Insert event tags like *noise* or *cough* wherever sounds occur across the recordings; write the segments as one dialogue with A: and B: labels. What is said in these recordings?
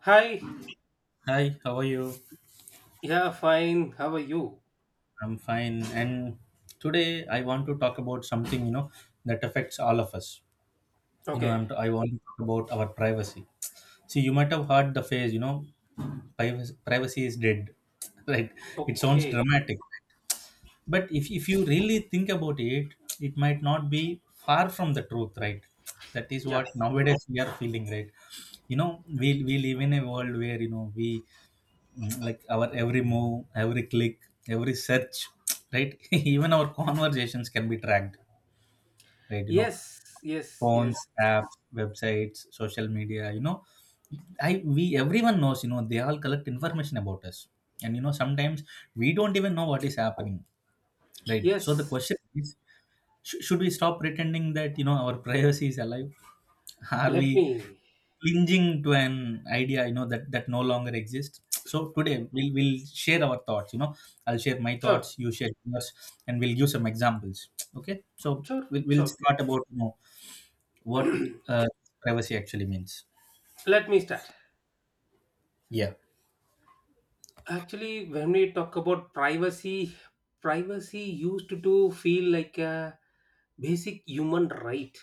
A: Hi.
B: Hi, how are you?
A: Yeah, fine. How are you?
B: I'm fine. And today I want to talk about something, you know, that affects all of us.
A: Okay.
B: I want to talk about our privacy. See, you might have heard the phrase, you know, privacy is dead. *laughs* Right? It sounds
A: Okay.
B: dramatic. But if you really think about it, it might not be far from the truth, right? That is
A: Yeah.
B: what nowadays we are feeling, right? You know, we live in a world where, you know, we like our every move, every click, every search, *tsk* right, *laughs* even our conversations can be tracked, right? You know,
A: Yes. Yes.
B: phones,
A: Yes.
B: apps, websites, social media, you know, I we everyone knows, you know, they all collect information about us. And you know, sometimes we don't even know what is happening, right? So the
A: Yes.
B: question is, should we stop pretending that, you know, our *laughs* privacy is alive? Are
A: Let
B: we
A: me.
B: clinging to an idea, you know, that no longer exists? So today we'll share our thoughts, you know. I'll share my thoughts,
A: Sure.
B: you share yours, and we'll give some examples. Okay, so
A: Sure.
B: we'll
A: Sure.
B: start about, you know, what
A: *clears throat*
B: uh, privacy actually means.
A: Let me start.
B: Yeah,
A: Actually, when we talk about privacy, privacy used to feel like a basic human right,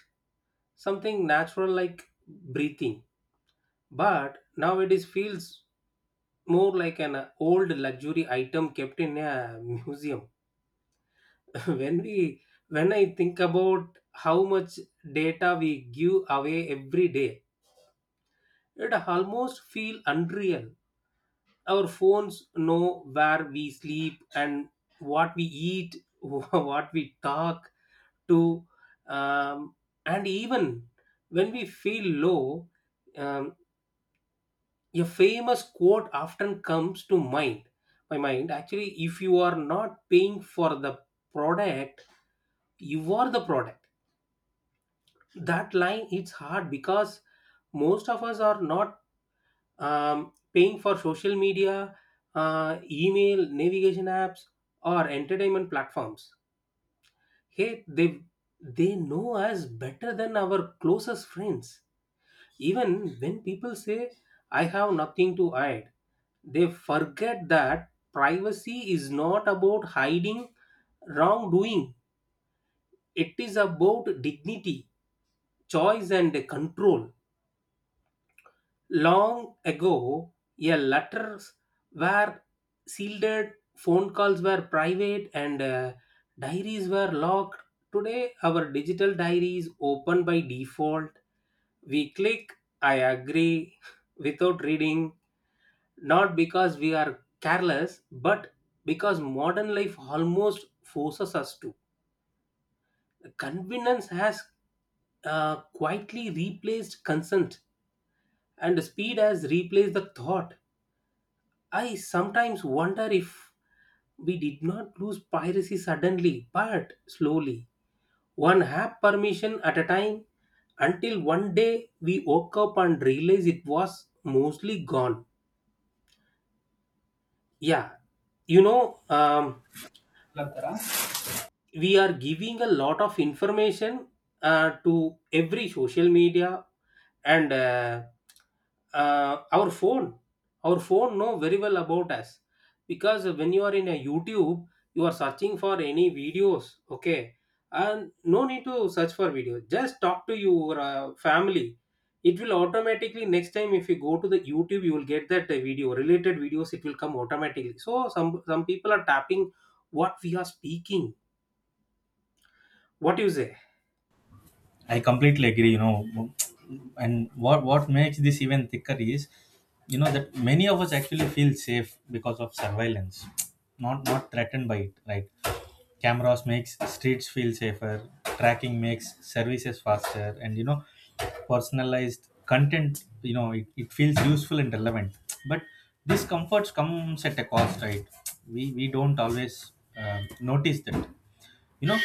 A: something natural like breathing. But now it is feels more like an old luxury item kept in a *laughs* museum. *laughs* when we when I think about how much data we give away every day, it almost feel unreal. Our phones know where we sleep and what we eat, *laughs* what we talk to, um, and even when we feel low, um, a famous quote often comes to mind my mind actually. If you are not paying for the product, you are the product. That line, it's hard because most of us are not paying for social media, email, navigation apps, or entertainment platforms. Hey, they know us better than our closest friends. Even when people say I have nothing to hide, they forget that privacy is not about hiding wrongdoing. It is about dignity, choice, and control. Long ago, a letters were sealed, phone calls were private, and diaries were locked. Today, our digital diary is open by default. We click I agree without reading, not because we are careless, but because modern life almost forces us to. Convenience has quietly replaced consent, and speed has replaced the thought. I sometimes wonder if we did not lose piracy suddenly, but slowly, one app permission at a time, until one day we woke up and realized it was mostly gone. Yeah, you know, um, we are giving a lot of information to every social media, and uh, our phone our phone know very well about us. Because when you are in a YouTube, you are searching for any videos, okay, and no need to search for video, just talk to your family. It will automatically next time if you go to the YouTube, you will get that video, related videos, it will come automatically. So some people are tapping what we are speaking. What do you say?
B: I completely agree, you know. And what makes this even thicker is, you know, that many of us actually feel safe because of surveillance, not threatened by it, right? Cameras makes streets feel safer, tracking makes services faster, and you know, personalized content, you know, it feels useful and relevant. But these comforts comes at a cost, right? We don't always notice that. You know,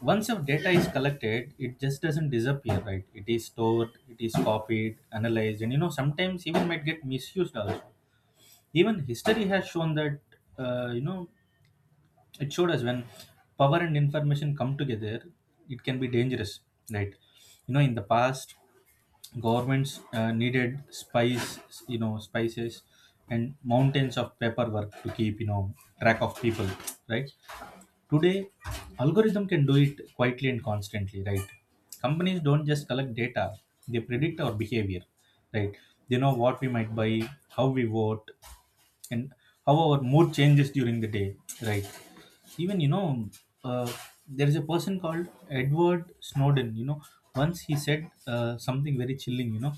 B: once your data is collected, it just doesn't disappear, right? It is stored, it is copied, analyzed, and you know, sometimes even might get misused also. Even history has shown that, you know, it showed us when power and information come together, it can be dangerous, right? You know, in the past, governments needed spies, you know, spices, and mountains of paperwork to keep, you know, track of people, right? Today, algorithm can do it quietly and constantly, right? Companies don't just collect data, they predict our behavior, right? They know what we might buy, how we vote, and how our mood changes during the day, right? Even you know, uh, there is a person called Edward Snowden, you know. Once he said, something very chilling, you know,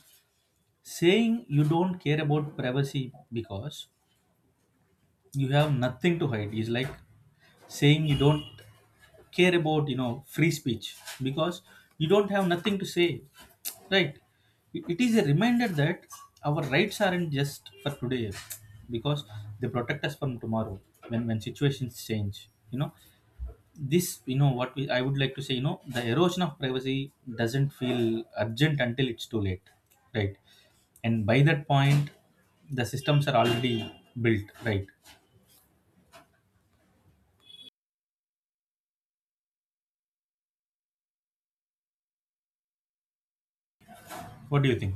B: saying you don't care about privacy because you have nothing to hide is like saying you don't care about, you know, free speech because you don't have nothing to say, right? It is a reminder that our rights aren't just for today, because they protect us from tomorrow, when situations change, you know. This, you know, what I would like to say, you know, the erosion of privacy doesn't feel urgent until it's too late, right? And by that point, the systems are already built, right? What do you think?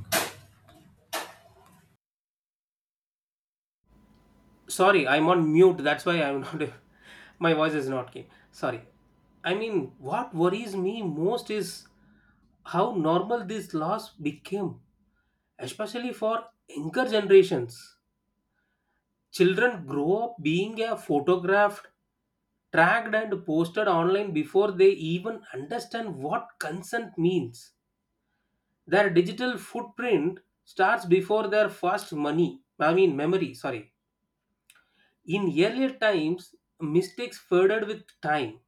A: Sorry, I'm on mute. That's why I'm not. *laughs* My voice is not keen. Sorry. I mean, what worries me most is how normal this loss became, especially for younger generations. Children grow up being photographed, tracked, and posted online before they even understand what consent means. Their digital footprint starts before their first money, I mean, memory. Sorry. In earlier times, mistakes faded with time,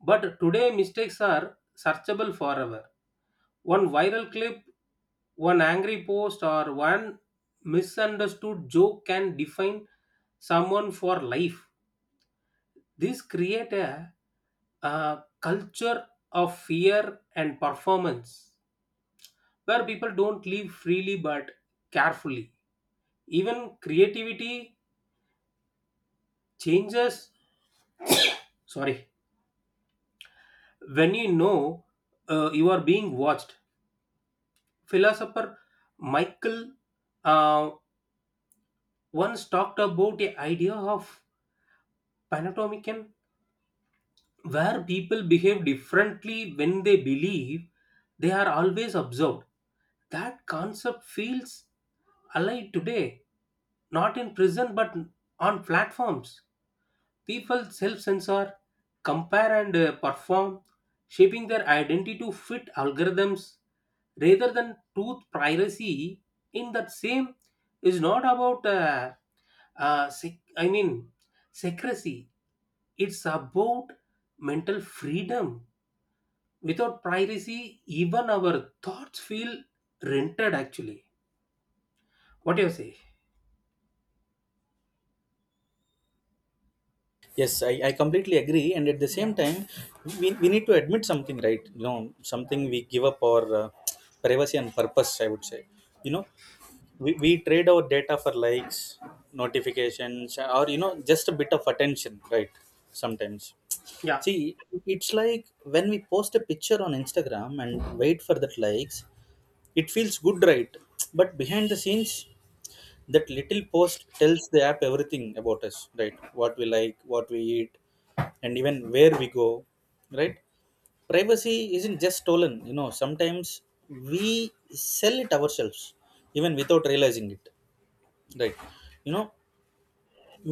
A: but today mistakes are searchable forever. One viral clip, one angry post, or one misunderstood joke can define someone for life. This create a culture of fear and performance where people don't live freely but carefully. Even creativity changes. Sorry, when you are being watched, philosopher Michael uh, once talked about the idea of panopticon, where people behave differently when they believe they are always observed. That concept feels alive today, not in prison but on platforms. People self censor, compare, and perform, shaping their identity to fit algorithms rather than truth. Privacy in that same is not about uh, sec- i mean Secrecy, it's about mental freedom. Without privacy, even our thoughts feel rented actually. What do you say?
B: Yes, I completely agree. And at the, yeah, same time, we need to admit something, right? You know, something we give up our privacy and purpose, I would say. You know, we trade our data for likes, notifications, or, you know, just a bit of attention, right? Sometimes.
A: Yeah,
B: See, it's like when we post a picture on Instagram and wait for that likes, it feels good, right? But behind the scenes, that little post tells the app everything about us, right? What we like, what we eat, and even where we go, right? Privacy isn't just stolen, you know, sometimes we sell it ourselves, even without realizing it, right? You know,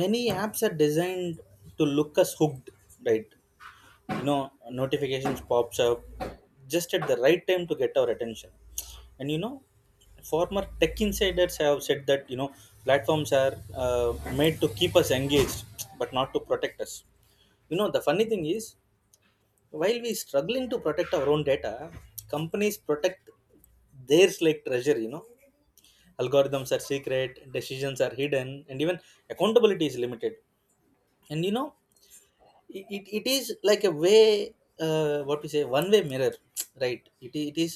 B: many apps are designed to look us hooked, right? You know, notifications pops up just at the right time to get our attention. And you know, former tech insiders have said that, you know, platforms are uh, made to keep us engaged but not to protect us. You know, the funny thing is, while we struggling to protect our own data, companies protect theirs like treasure, you know. Algorithms are secret, decisions are hidden, and even accountability is limited. And you know, it is like a way, what we say, one way mirror, *tsk* right? It is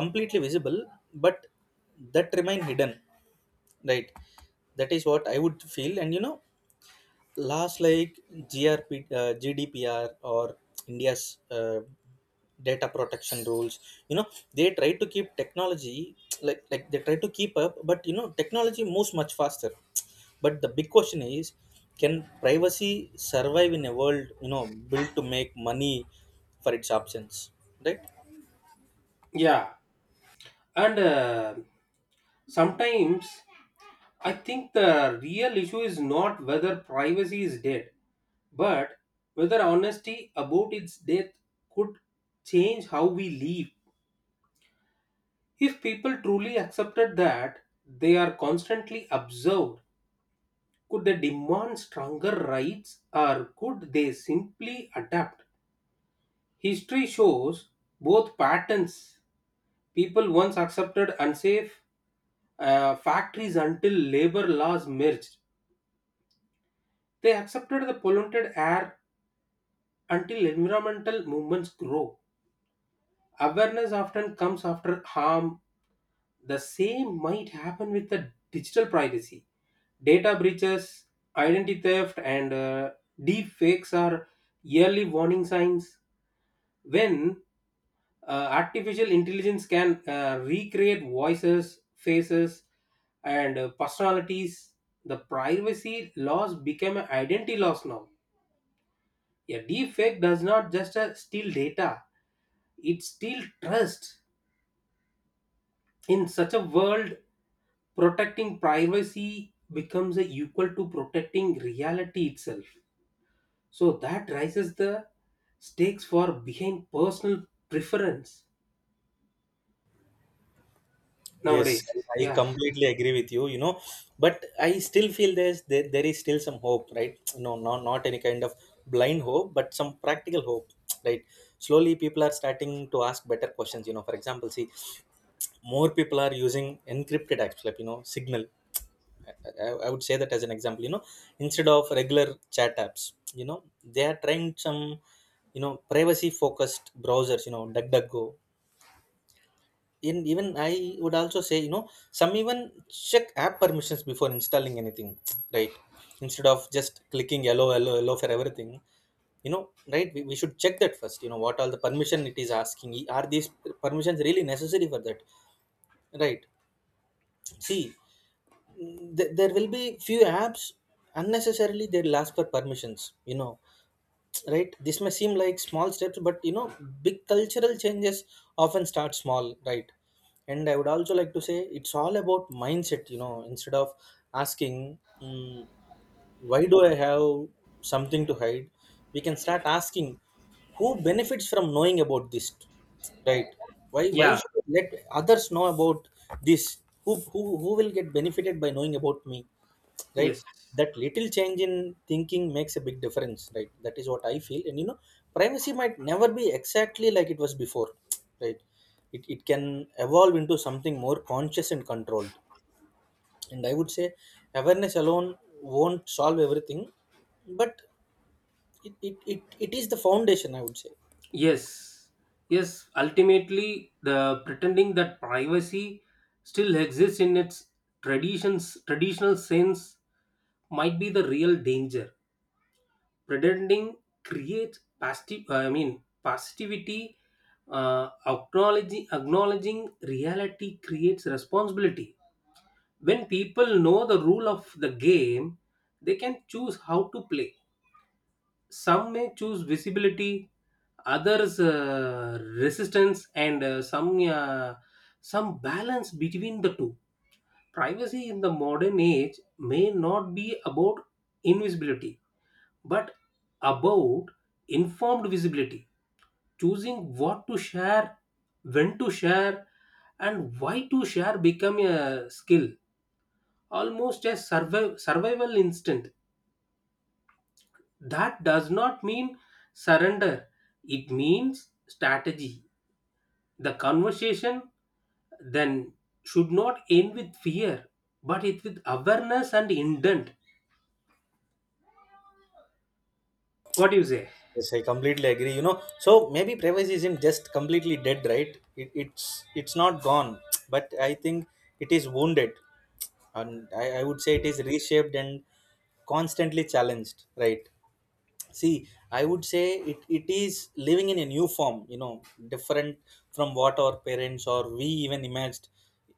B: completely visible, but that remain hidden, right? That is what I would feel. And you know, last, like GRP, GDPR, or India's data protection rules, you know, they try to keep technology like they try to keep up, but you know, technology moves much faster. But the big question is, can privacy survive in a world, you know, built to make money for its options, right?
A: yeah. And sometimes I think the real issue is not whether privacy is dead, but whether honesty about its death could change how we live. If people truly accepted that they are constantly observed, could they demand stronger rights, or could they simply adapt? History shows both patterns. People once accepted unsafe factories until labor laws merged. They accepted the polluted air until environmental movements grow. Awareness often comes after harm. The same might happen with the digital privacy. Data breaches, identity theft, and deep fakes are early warning signs. When artificial intelligence can recreate voices, faces, and personalities, the privacy loss become an identity loss. Now a deep does not just steal data, it steals trust. In such a world, protecting privacy becomes a equal to protecting reality itself. So that raises the stakes for behind personal preference
B: Yes,
A: nowadays.
B: I
A: Yeah.
B: completely agree with you, you know, but I still feel there's there is still some hope, right? No, not any kind of blind hope, but some practical hope, right? Slowly people are starting to ask better questions, you know. For example, see, more people are using encrypted apps, like, you know, Signal. I, I would say that as an example, you know, instead of regular chat apps, you know, they are trying some, you know, privacy focused browsers, you know, DuckDuckGo. In even i would also say, you know, some even check app permissions before installing anything, *tsk* right? Instead of just clicking yellow for everything, you know, right? We should check that first, you know, what all the permission it is asking. Are these permissions really necessary for that, right? See, there will be few apps unnecessarily they'll ask for permissions, you know, right? This may seem like small steps, but you know, big cultural changes often start small, right? And I would also like to say, it's all about mindset. You know, instead of asking, why do I have something to hide, we can start asking, who benefits from knowing about this, right? Why
A: Yeah.
B: should I let others know about this, who will get benefited by knowing about me, right?
A: Yes.
B: That little change in thinking makes a big difference, right? That is what I feel. And you know, privacy might never be exactly like it was before, right? It can evolve into something more conscious and controlled. And I would say, awareness alone won't solve everything, but it is the foundation, I would say.
A: Yes, yes, ultimately, the pretending that privacy still exists in its traditional sense might be the real danger. Pretending creates passive, I mean, passivity. Acknowledging reality creates responsibility. When people know the rule of the game, they can choose how to play. Some may choose visibility, others resistance, and some balance between the two. Privacy in the modern age may not be about invisibility, but about informed visibility. Choosing what to share, when to share, and why to share become a skill, almost a survival instinct. That does not mean surrender, it means strategy. The conversation then should not end with fear, but it with awareness and intent. What do you say?
B: Yes, I completely agree. You know, so maybe privacy isn't just completely dead, right? It's not gone, *tsk* but I think it is wounded, and I would say it is reshaped and constantly challenged, right? See, I would say it is living in a new form, you know, different from what our parents or we even imagined,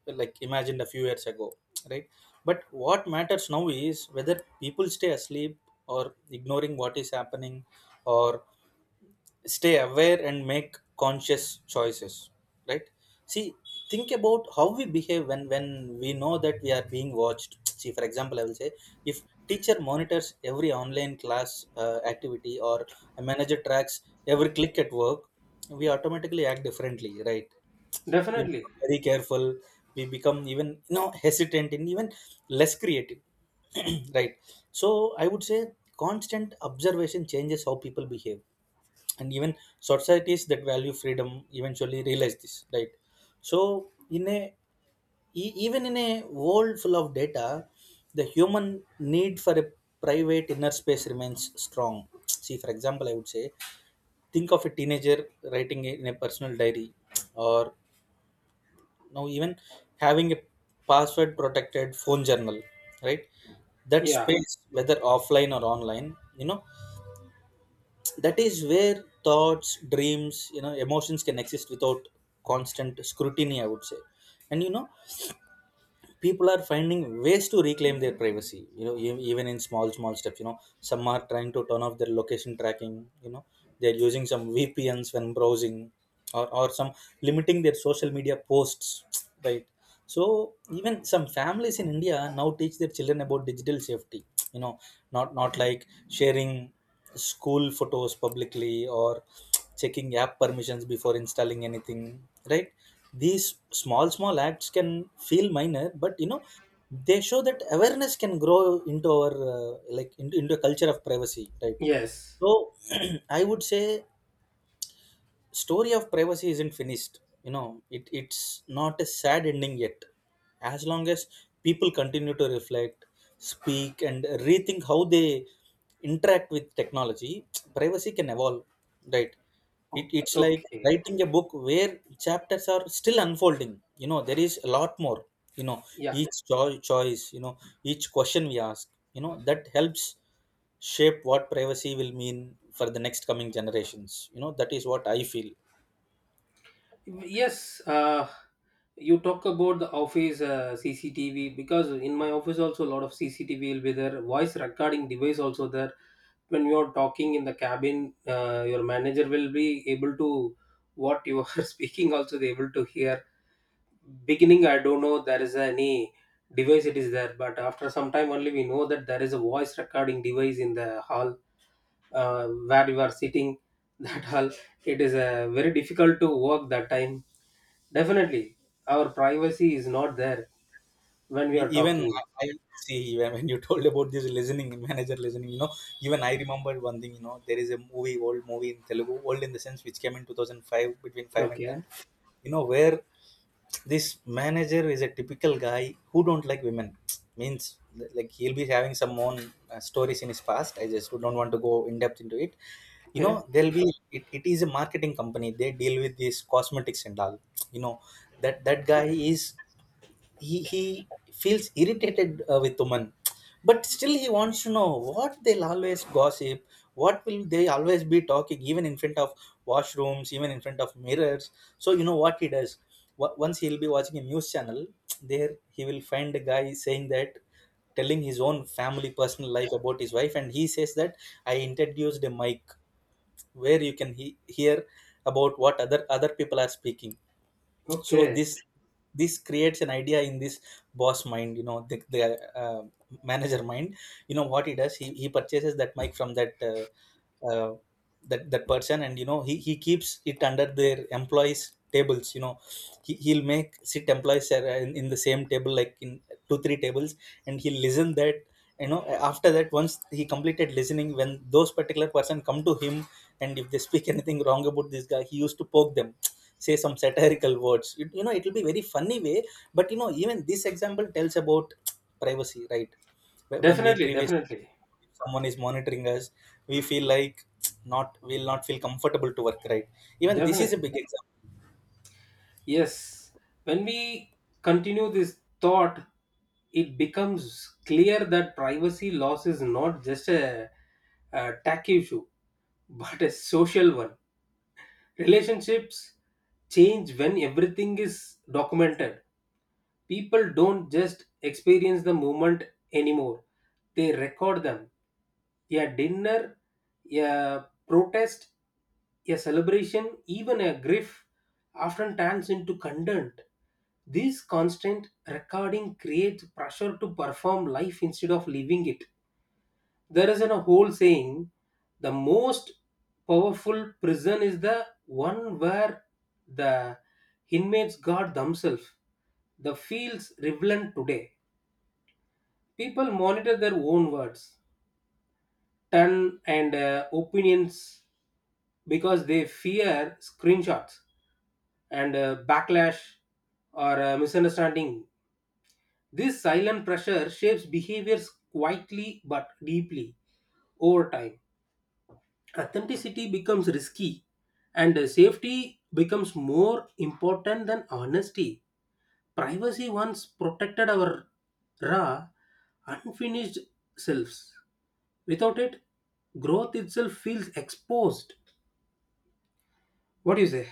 B: like imagined a few years ago, right? But what matters now is whether people stay asleep or ignoring what is happening, or stay aware and make conscious choices, right? See, think about how we behave when we know that we are being watched. *tsk* See, for example, I will say, if teacher monitors every online class activity or a manager tracks every click at work, we automatically act differently, right? We
A: Definitely.
B: become very careful, we become even, you know, hesitant, and even less creative. *clears throat* Right? So I would say, constant observation changes how people behave. And even societies that value freedom eventually realize this, right? So in a, even in a world full of data, the human need for a private inner space remains strong. *tsk* See, for example, I would say, think of a teenager writing in a personal diary, or now even having a password protected phone journal, right? That
A: Yeah.
B: space, whether offline or online, you know, that is where thoughts, dreams, you know, emotions can exist without constant scrutiny, I would say. And you know, people are finding ways to reclaim their privacy, you know, even in small small steps. You know, some are trying to turn off their location tracking, you know, they're using some VPNs when browsing, or some limiting their social media posts. *tsk* Right? So even some families in India now teach their children about digital safety, you know, not like sharing school photos publicly, or checking app permissions before installing anything, right? These small small acts can feel minor, but you know, they show that awareness can grow into our, like into a culture of privacy, right?
A: Yes.
B: So, *clears throat* I would say, story of privacy isn't finished. You know, it's not a sad ending yet. As long as people continue to reflect, speak, and rethink how they interact with technology, *tsk* privacy can evolve, right? it,
A: O-
B: it's like
A: Okay.
B: writing a book where chapters are still unfolding. You know, there is a lot more, you know,
A: Yeah.
B: each choice, you know, each question we ask, you know, that helps shape what privacy will mean for the next coming generations. You know, that is What I feel.
A: Yes. You talk about the office CCTV because in my office also a lot of CCTV will be there. Voice recording device also there. When you are talking in the cabin, your manager will be able to what you are *laughs* speaking also they able to hear. Beginning I don't know there is any device it is there, but after some time only we know that there is a voice recording device in the hall, where you are sitting. *laughs* That hall, it is very difficult to work that time. Definitely our privacy is not there when we
B: E-
A: are
B: even
A: talking.
B: I I see, even when you *laughs* told about this listening manager listening, you know, even I remembered one thing. You know, there is a movie, old movie in Telugu, old in the sense which came in 2005, between five and
A: Okay.
B: ten. You know, where this manager is a typical guy who don't like women. *tsk* Means like he'll be having some own stories in his past. I just don't want to go in depth into it. You know
A: Okay.
B: It is a marketing company, they deal with these cosmetics and all. You know That guy is, he feels irritated with women, but still he wants to know what they'll always gossip, what will they always be talking, even in front of washrooms, even in front of mirrors. So you know what he does, once he'll be watching a news channel, there he will find a guy saying that, telling his own family personal life about his wife, and he says that I introduced a mic where you can hear about what other people are speaking. So
A: Okay.
B: this creates an idea in this boss mind, you know, the uh, manager mind. You know what he does, he purchases that mic from that uh, that person, and you know he keeps it under their employees tables. You know He'll make sit employees in the same table, like in two three tables, and he'll listen that. You know After that, once he completed listening, when those particular person come to him and if they speak *laughs* anything wrong about this guy, he used to poke them, say some satirical words. You know, it will be very funny way. But you know, even this example tells about privacy, right? When we
A: Definitely.
B: previous,
A: Definitely.
B: someone is monitoring us, we feel like, *tsk* not, we'll not feel comfortable to work, right? Even this is
A: Definitely.
B: a big example.
A: Yes. When we continue this thought, it becomes clear that privacy loss is not just a tacky issue, *laughs* but a social one. Relationships change when everything is documented. People don't just experience the moment anymore, they record them. A dinner, a protest, a celebration, even a grief often turns into content. This constant recording creates pressure to perform life instead of living it. There is a whole saying, the most powerful prison is the one where the inmates guard themselves. The fields relevant today. People monitor their own words, tone, and opinions because they fear screenshots and backlash or misunderstanding. This silent pressure shapes behaviors quietly but deeply over time. Authenticity becomes risky, and safety becomes more important than honesty. Privacy once protected our raw, unfinished selves. Without it, growth itself feels exposed. What do you say?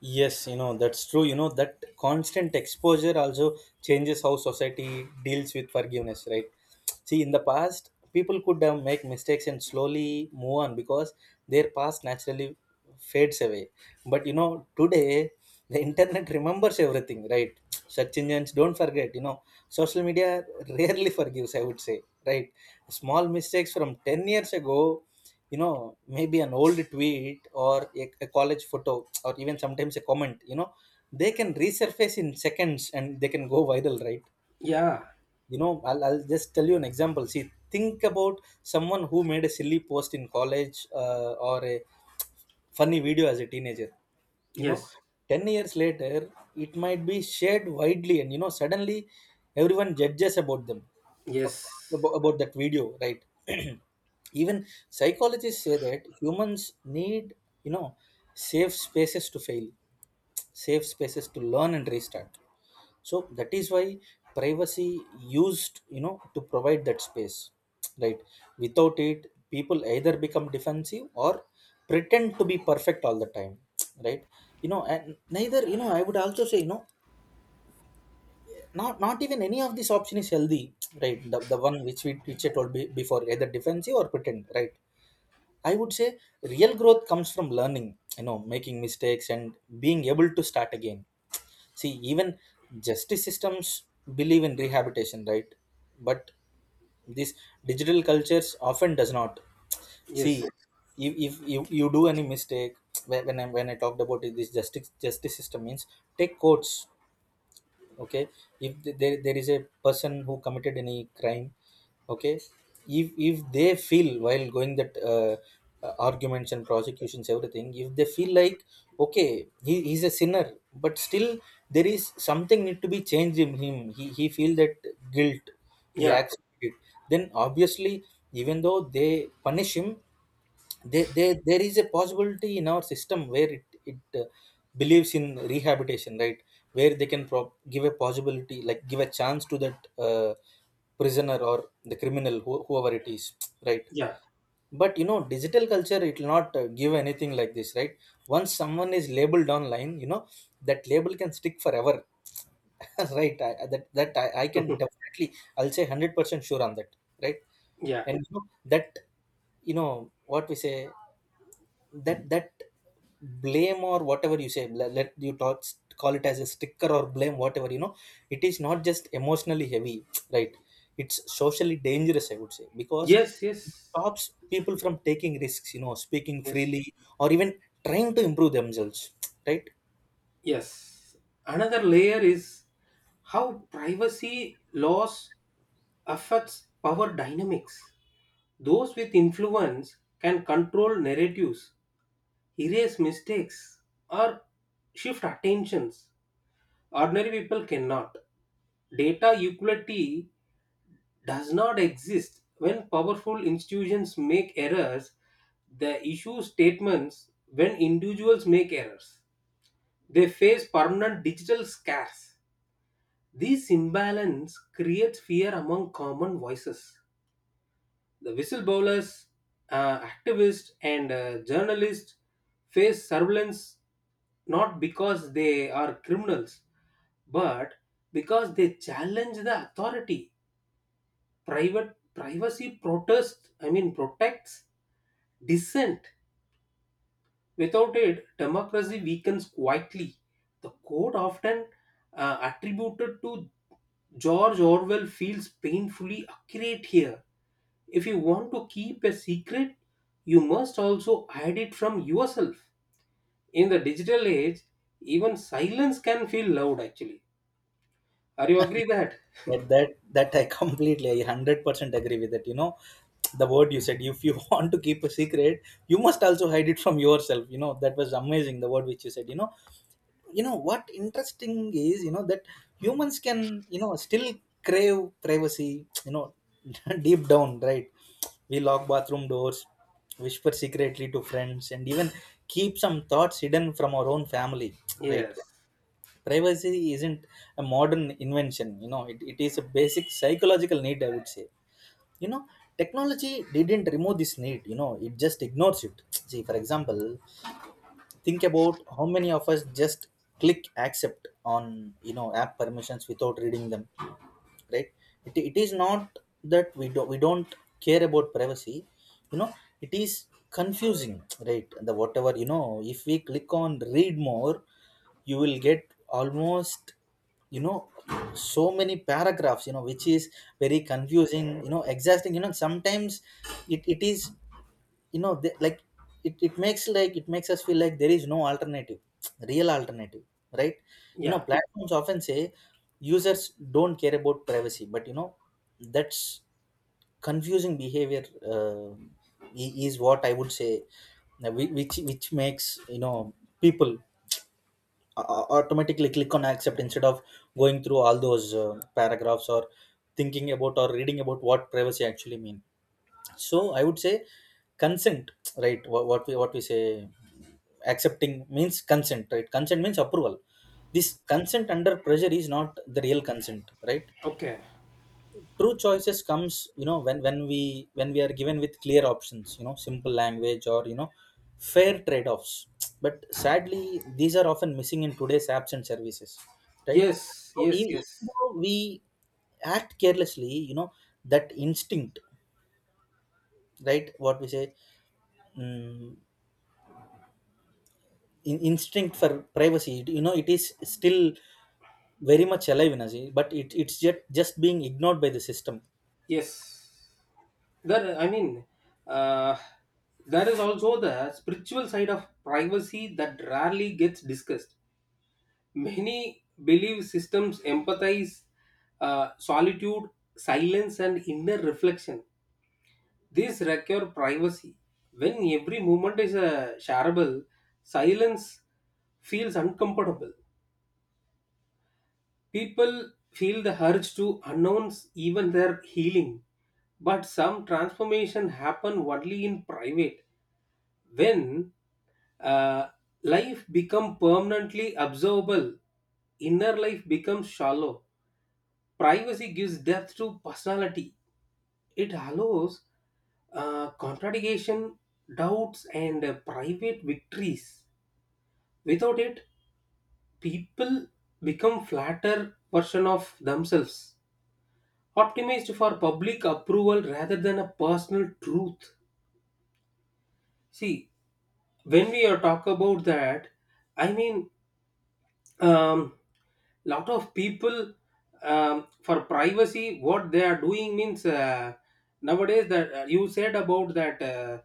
B: Yes, you know, that's true. You know, that constant exposure also changes how society deals with forgiveness, right? See, in the past, people could make mistakes and slowly move on because their past naturally fades away. But you know, today, the internet *laughs* remembers everything, right? Search engines don't forget, you know, social media rarely forgives, I would say, right? Small mistakes from 10 years ago, you know, maybe an old tweet or a college photo, or even sometimes a comment, you know, they can resurface in seconds and they can go viral, right?
A: Yeah.
B: You know, I'll just tell you an example. See, think about someone who made a silly post in college, or a funny video as a teenager. You know,
A: Yes.
B: 10 years later it might be shared widely, and you know suddenly everyone judges about them ab-
A: Yes.
B: about that video, right? *clears throat* even psychologists say that humans need, you know, safe spaces to fail, safe spaces to learn and restart. So that is why privacy used, you know, to provide that space, right? Without it, people either become defensive or pretend to be perfect all the time, *tsk* right? You know, and neither, you know, I would also say, you know, not even any of this option is healthy, *tsk* right? The one which we, which I told before, either defensive or pretend, right? I would say real growth comes from learning, you know, making mistakes, and being able to start again. See, even justice systems believe in rehabilitation, right? But this digital cultures often does not. See,
A: Yes.
B: if you do any mistake, when I talked about it, this justice system means take courts. Okay, if th- there is a person who committed any crime, okay, if they feel while going that arguments and prosecutions, everything, if they feel like okay, he's a sinner, but still there is something need to be changed in him, he feel that guilt, he
A: Yeah.
B: acts like it, then obviously, even though they punish him, there is a possibility in our system where it believes in rehabilitation, right? Where they can give a possibility, like give a chance to that prisoner or the criminal, whoever it is, right?
A: Yeah.
B: But you know, digital culture, it will not give anything like this, right? Once someone is labeled online, you know, that label can stick forever, *laughs* right? I can definitely I'll say 100% sure on that, right?
A: Yeah.
B: And you know, that, you know what we say, that blame, or whatever you say, let you talk, call it as a sticker or blame, whatever, you know, it is not just emotionally heavy, *tsk* right? It's socially dangerous, I would say, because
A: Yes.
B: it
A: Yes.
B: stops people from taking risks, you know, speaking
A: Yes.
B: freely, or even trying to improve themselves, *tsk* right?
A: Yes. Another layer is how privacy laws affects power dynamics. Those with influence can control narratives, erase mistakes, or shift attentions. Ordinary people cannot. Data equality does not exist. When powerful institutions make errors, they issue statements. When individuals make errors, they face permanent digital scars. This imbalance creates fear among common voices. The whistleblowers, activists, and journalists face surveillance, not because they are criminals, but because they challenge the authority. Private privacy protest, I mean, protects dissent. Without it, democracy weakens quietly. The quote often attributed to George Orwell feels painfully accurate here. If you want to keep a secret, you must also hide it from yourself. In the digital age, even silence can feel loud actually. Are you agree that?
B: But that I *laughs* completely, I 100% agree with that. You know, the word you said, if you *laughs* want to keep a secret, you must also hide it from yourself. You know, that was amazing. The word which you said. You know what interesting is, you know, that humans can, you know, still crave privacy. You know, *laughs* deep down, right? We lock bathroom doors, whisper secretly to friends, and even keep some thoughts hidden from our own family, right?
A: Yes.
B: Privacy isn't a modern invention. You know, it is a basic psychological need, I would say. You know, technology didn't remove this need, you know, it just ignores it. *tsk* see, for example, think about how many of us just click accept on, you know, app permissions without reading them, right? it is not that we don't, we don't care about privacy, you know, it is confusing, right? The, whatever, you know, if we click on read more, you will get almost, you know, so many paragraphs, you know, which is very confusing, you know, exhausting, you know. Sometimes it is, you know, they, like, it makes, like, it makes us feel like there is no alternative, real alternative, right? You know,
A: Yeah.
B: platforms often say users don't care about privacy, but you know, that's confusing behavior, uh, I- is what I would say. Which which makes, you know, people automatically click on accept instead of going through all those paragraphs, or thinking about, or reading about what privacy actually means. So I would say consent, right, what we, what we say accepting means consent, right? Consent means approval. This consent under pressure is not the real consent, right?
A: Okay.
B: True choices comes, you know, when when we are given with clear options, you know, simple language, or you know, fair trade offs. But sadly these are often missing in today's apps and services, right?
A: Yes,
B: So e-
A: yes,
B: even
A: yes.
B: though we act carelessly, you know, that instinct, right, what we say, Mm, instinct for privacy, you know, it is still very much alive in us, eh, but it's just being ignored by the system.
A: Yes. That I mean, uh, there is also the spiritual side of privacy that rarely gets discussed. Many belief systems empathize solitude, silence, and inner reflection. These wreck your privacy. When every movement is shareable, silence feels uncomfortable. People feel the urge to announce even their healing. But some transformation happen only in private. When uh, life become permanently observable, inner life becomes shallow. Privacy gives depth to personality. It allows contradiction, doubts, and private victories. Without it, people become flatter version of themselves, optimized for public approval rather than a personal truth. See, when we are talk about that, I mean, um, lot of people, for privacy what they are doing means, nowadays that you said about that uh,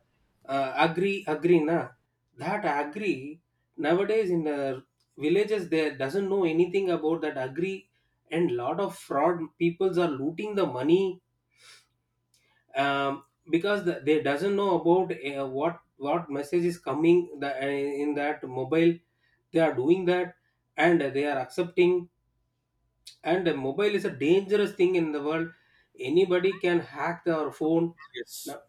A: uh, agri, agree na, that agri, nowadays in villages they doesn't know anything about that agri, and lot of fraud peoples are looting the money, um, because they doesn't know about what message is coming in that mobile, they are doing that and they are accepting. And a mobile is a dangerous thing in the world. Anybody can hack our phone.
B: Yes,
A: Now-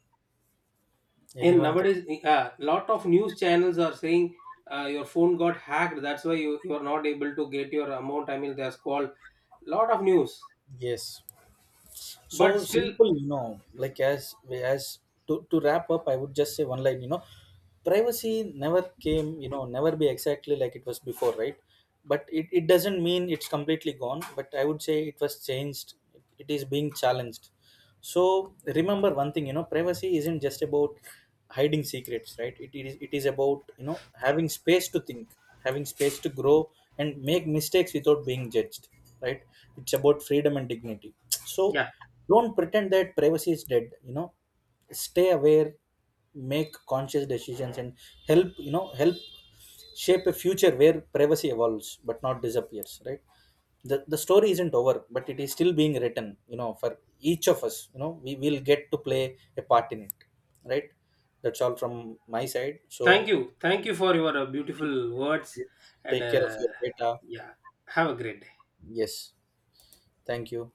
A: And
B: anyone can.
A: nowadays, a lot of news channels are saying your phone got hacked. That's why you are not able to get your amount. I mean, there's called lot of news.
B: Yes. So
A: But still,
B: simple, you know, like as, to wrap up, I would just say one line. You know, privacy never came, you know, never be exactly like it was before, right? But it doesn't mean it's completely gone, but I would say it was changed, it is being challenged. So remember one thing, you know, privacy isn't just about hiding secrets, right? It is about, you know, having space to think, having space to grow, and make mistakes without being judged, right? It's about freedom and dignity. So
A: yeah.
B: don't pretend that privacy is dead. You know, stay aware, make conscious decisions, and help, you know, help shape a future where privacy evolves but not disappears, right? The story isn't over, but it is still being written. You know, for each of us, you know, we will get to play a part in it, right? That's all from my side. So
A: Thank you. Thank you for your beautiful words.
B: please
A: And
B: take care of your data.
A: yeah, have a great day.
B: Yes, thank you.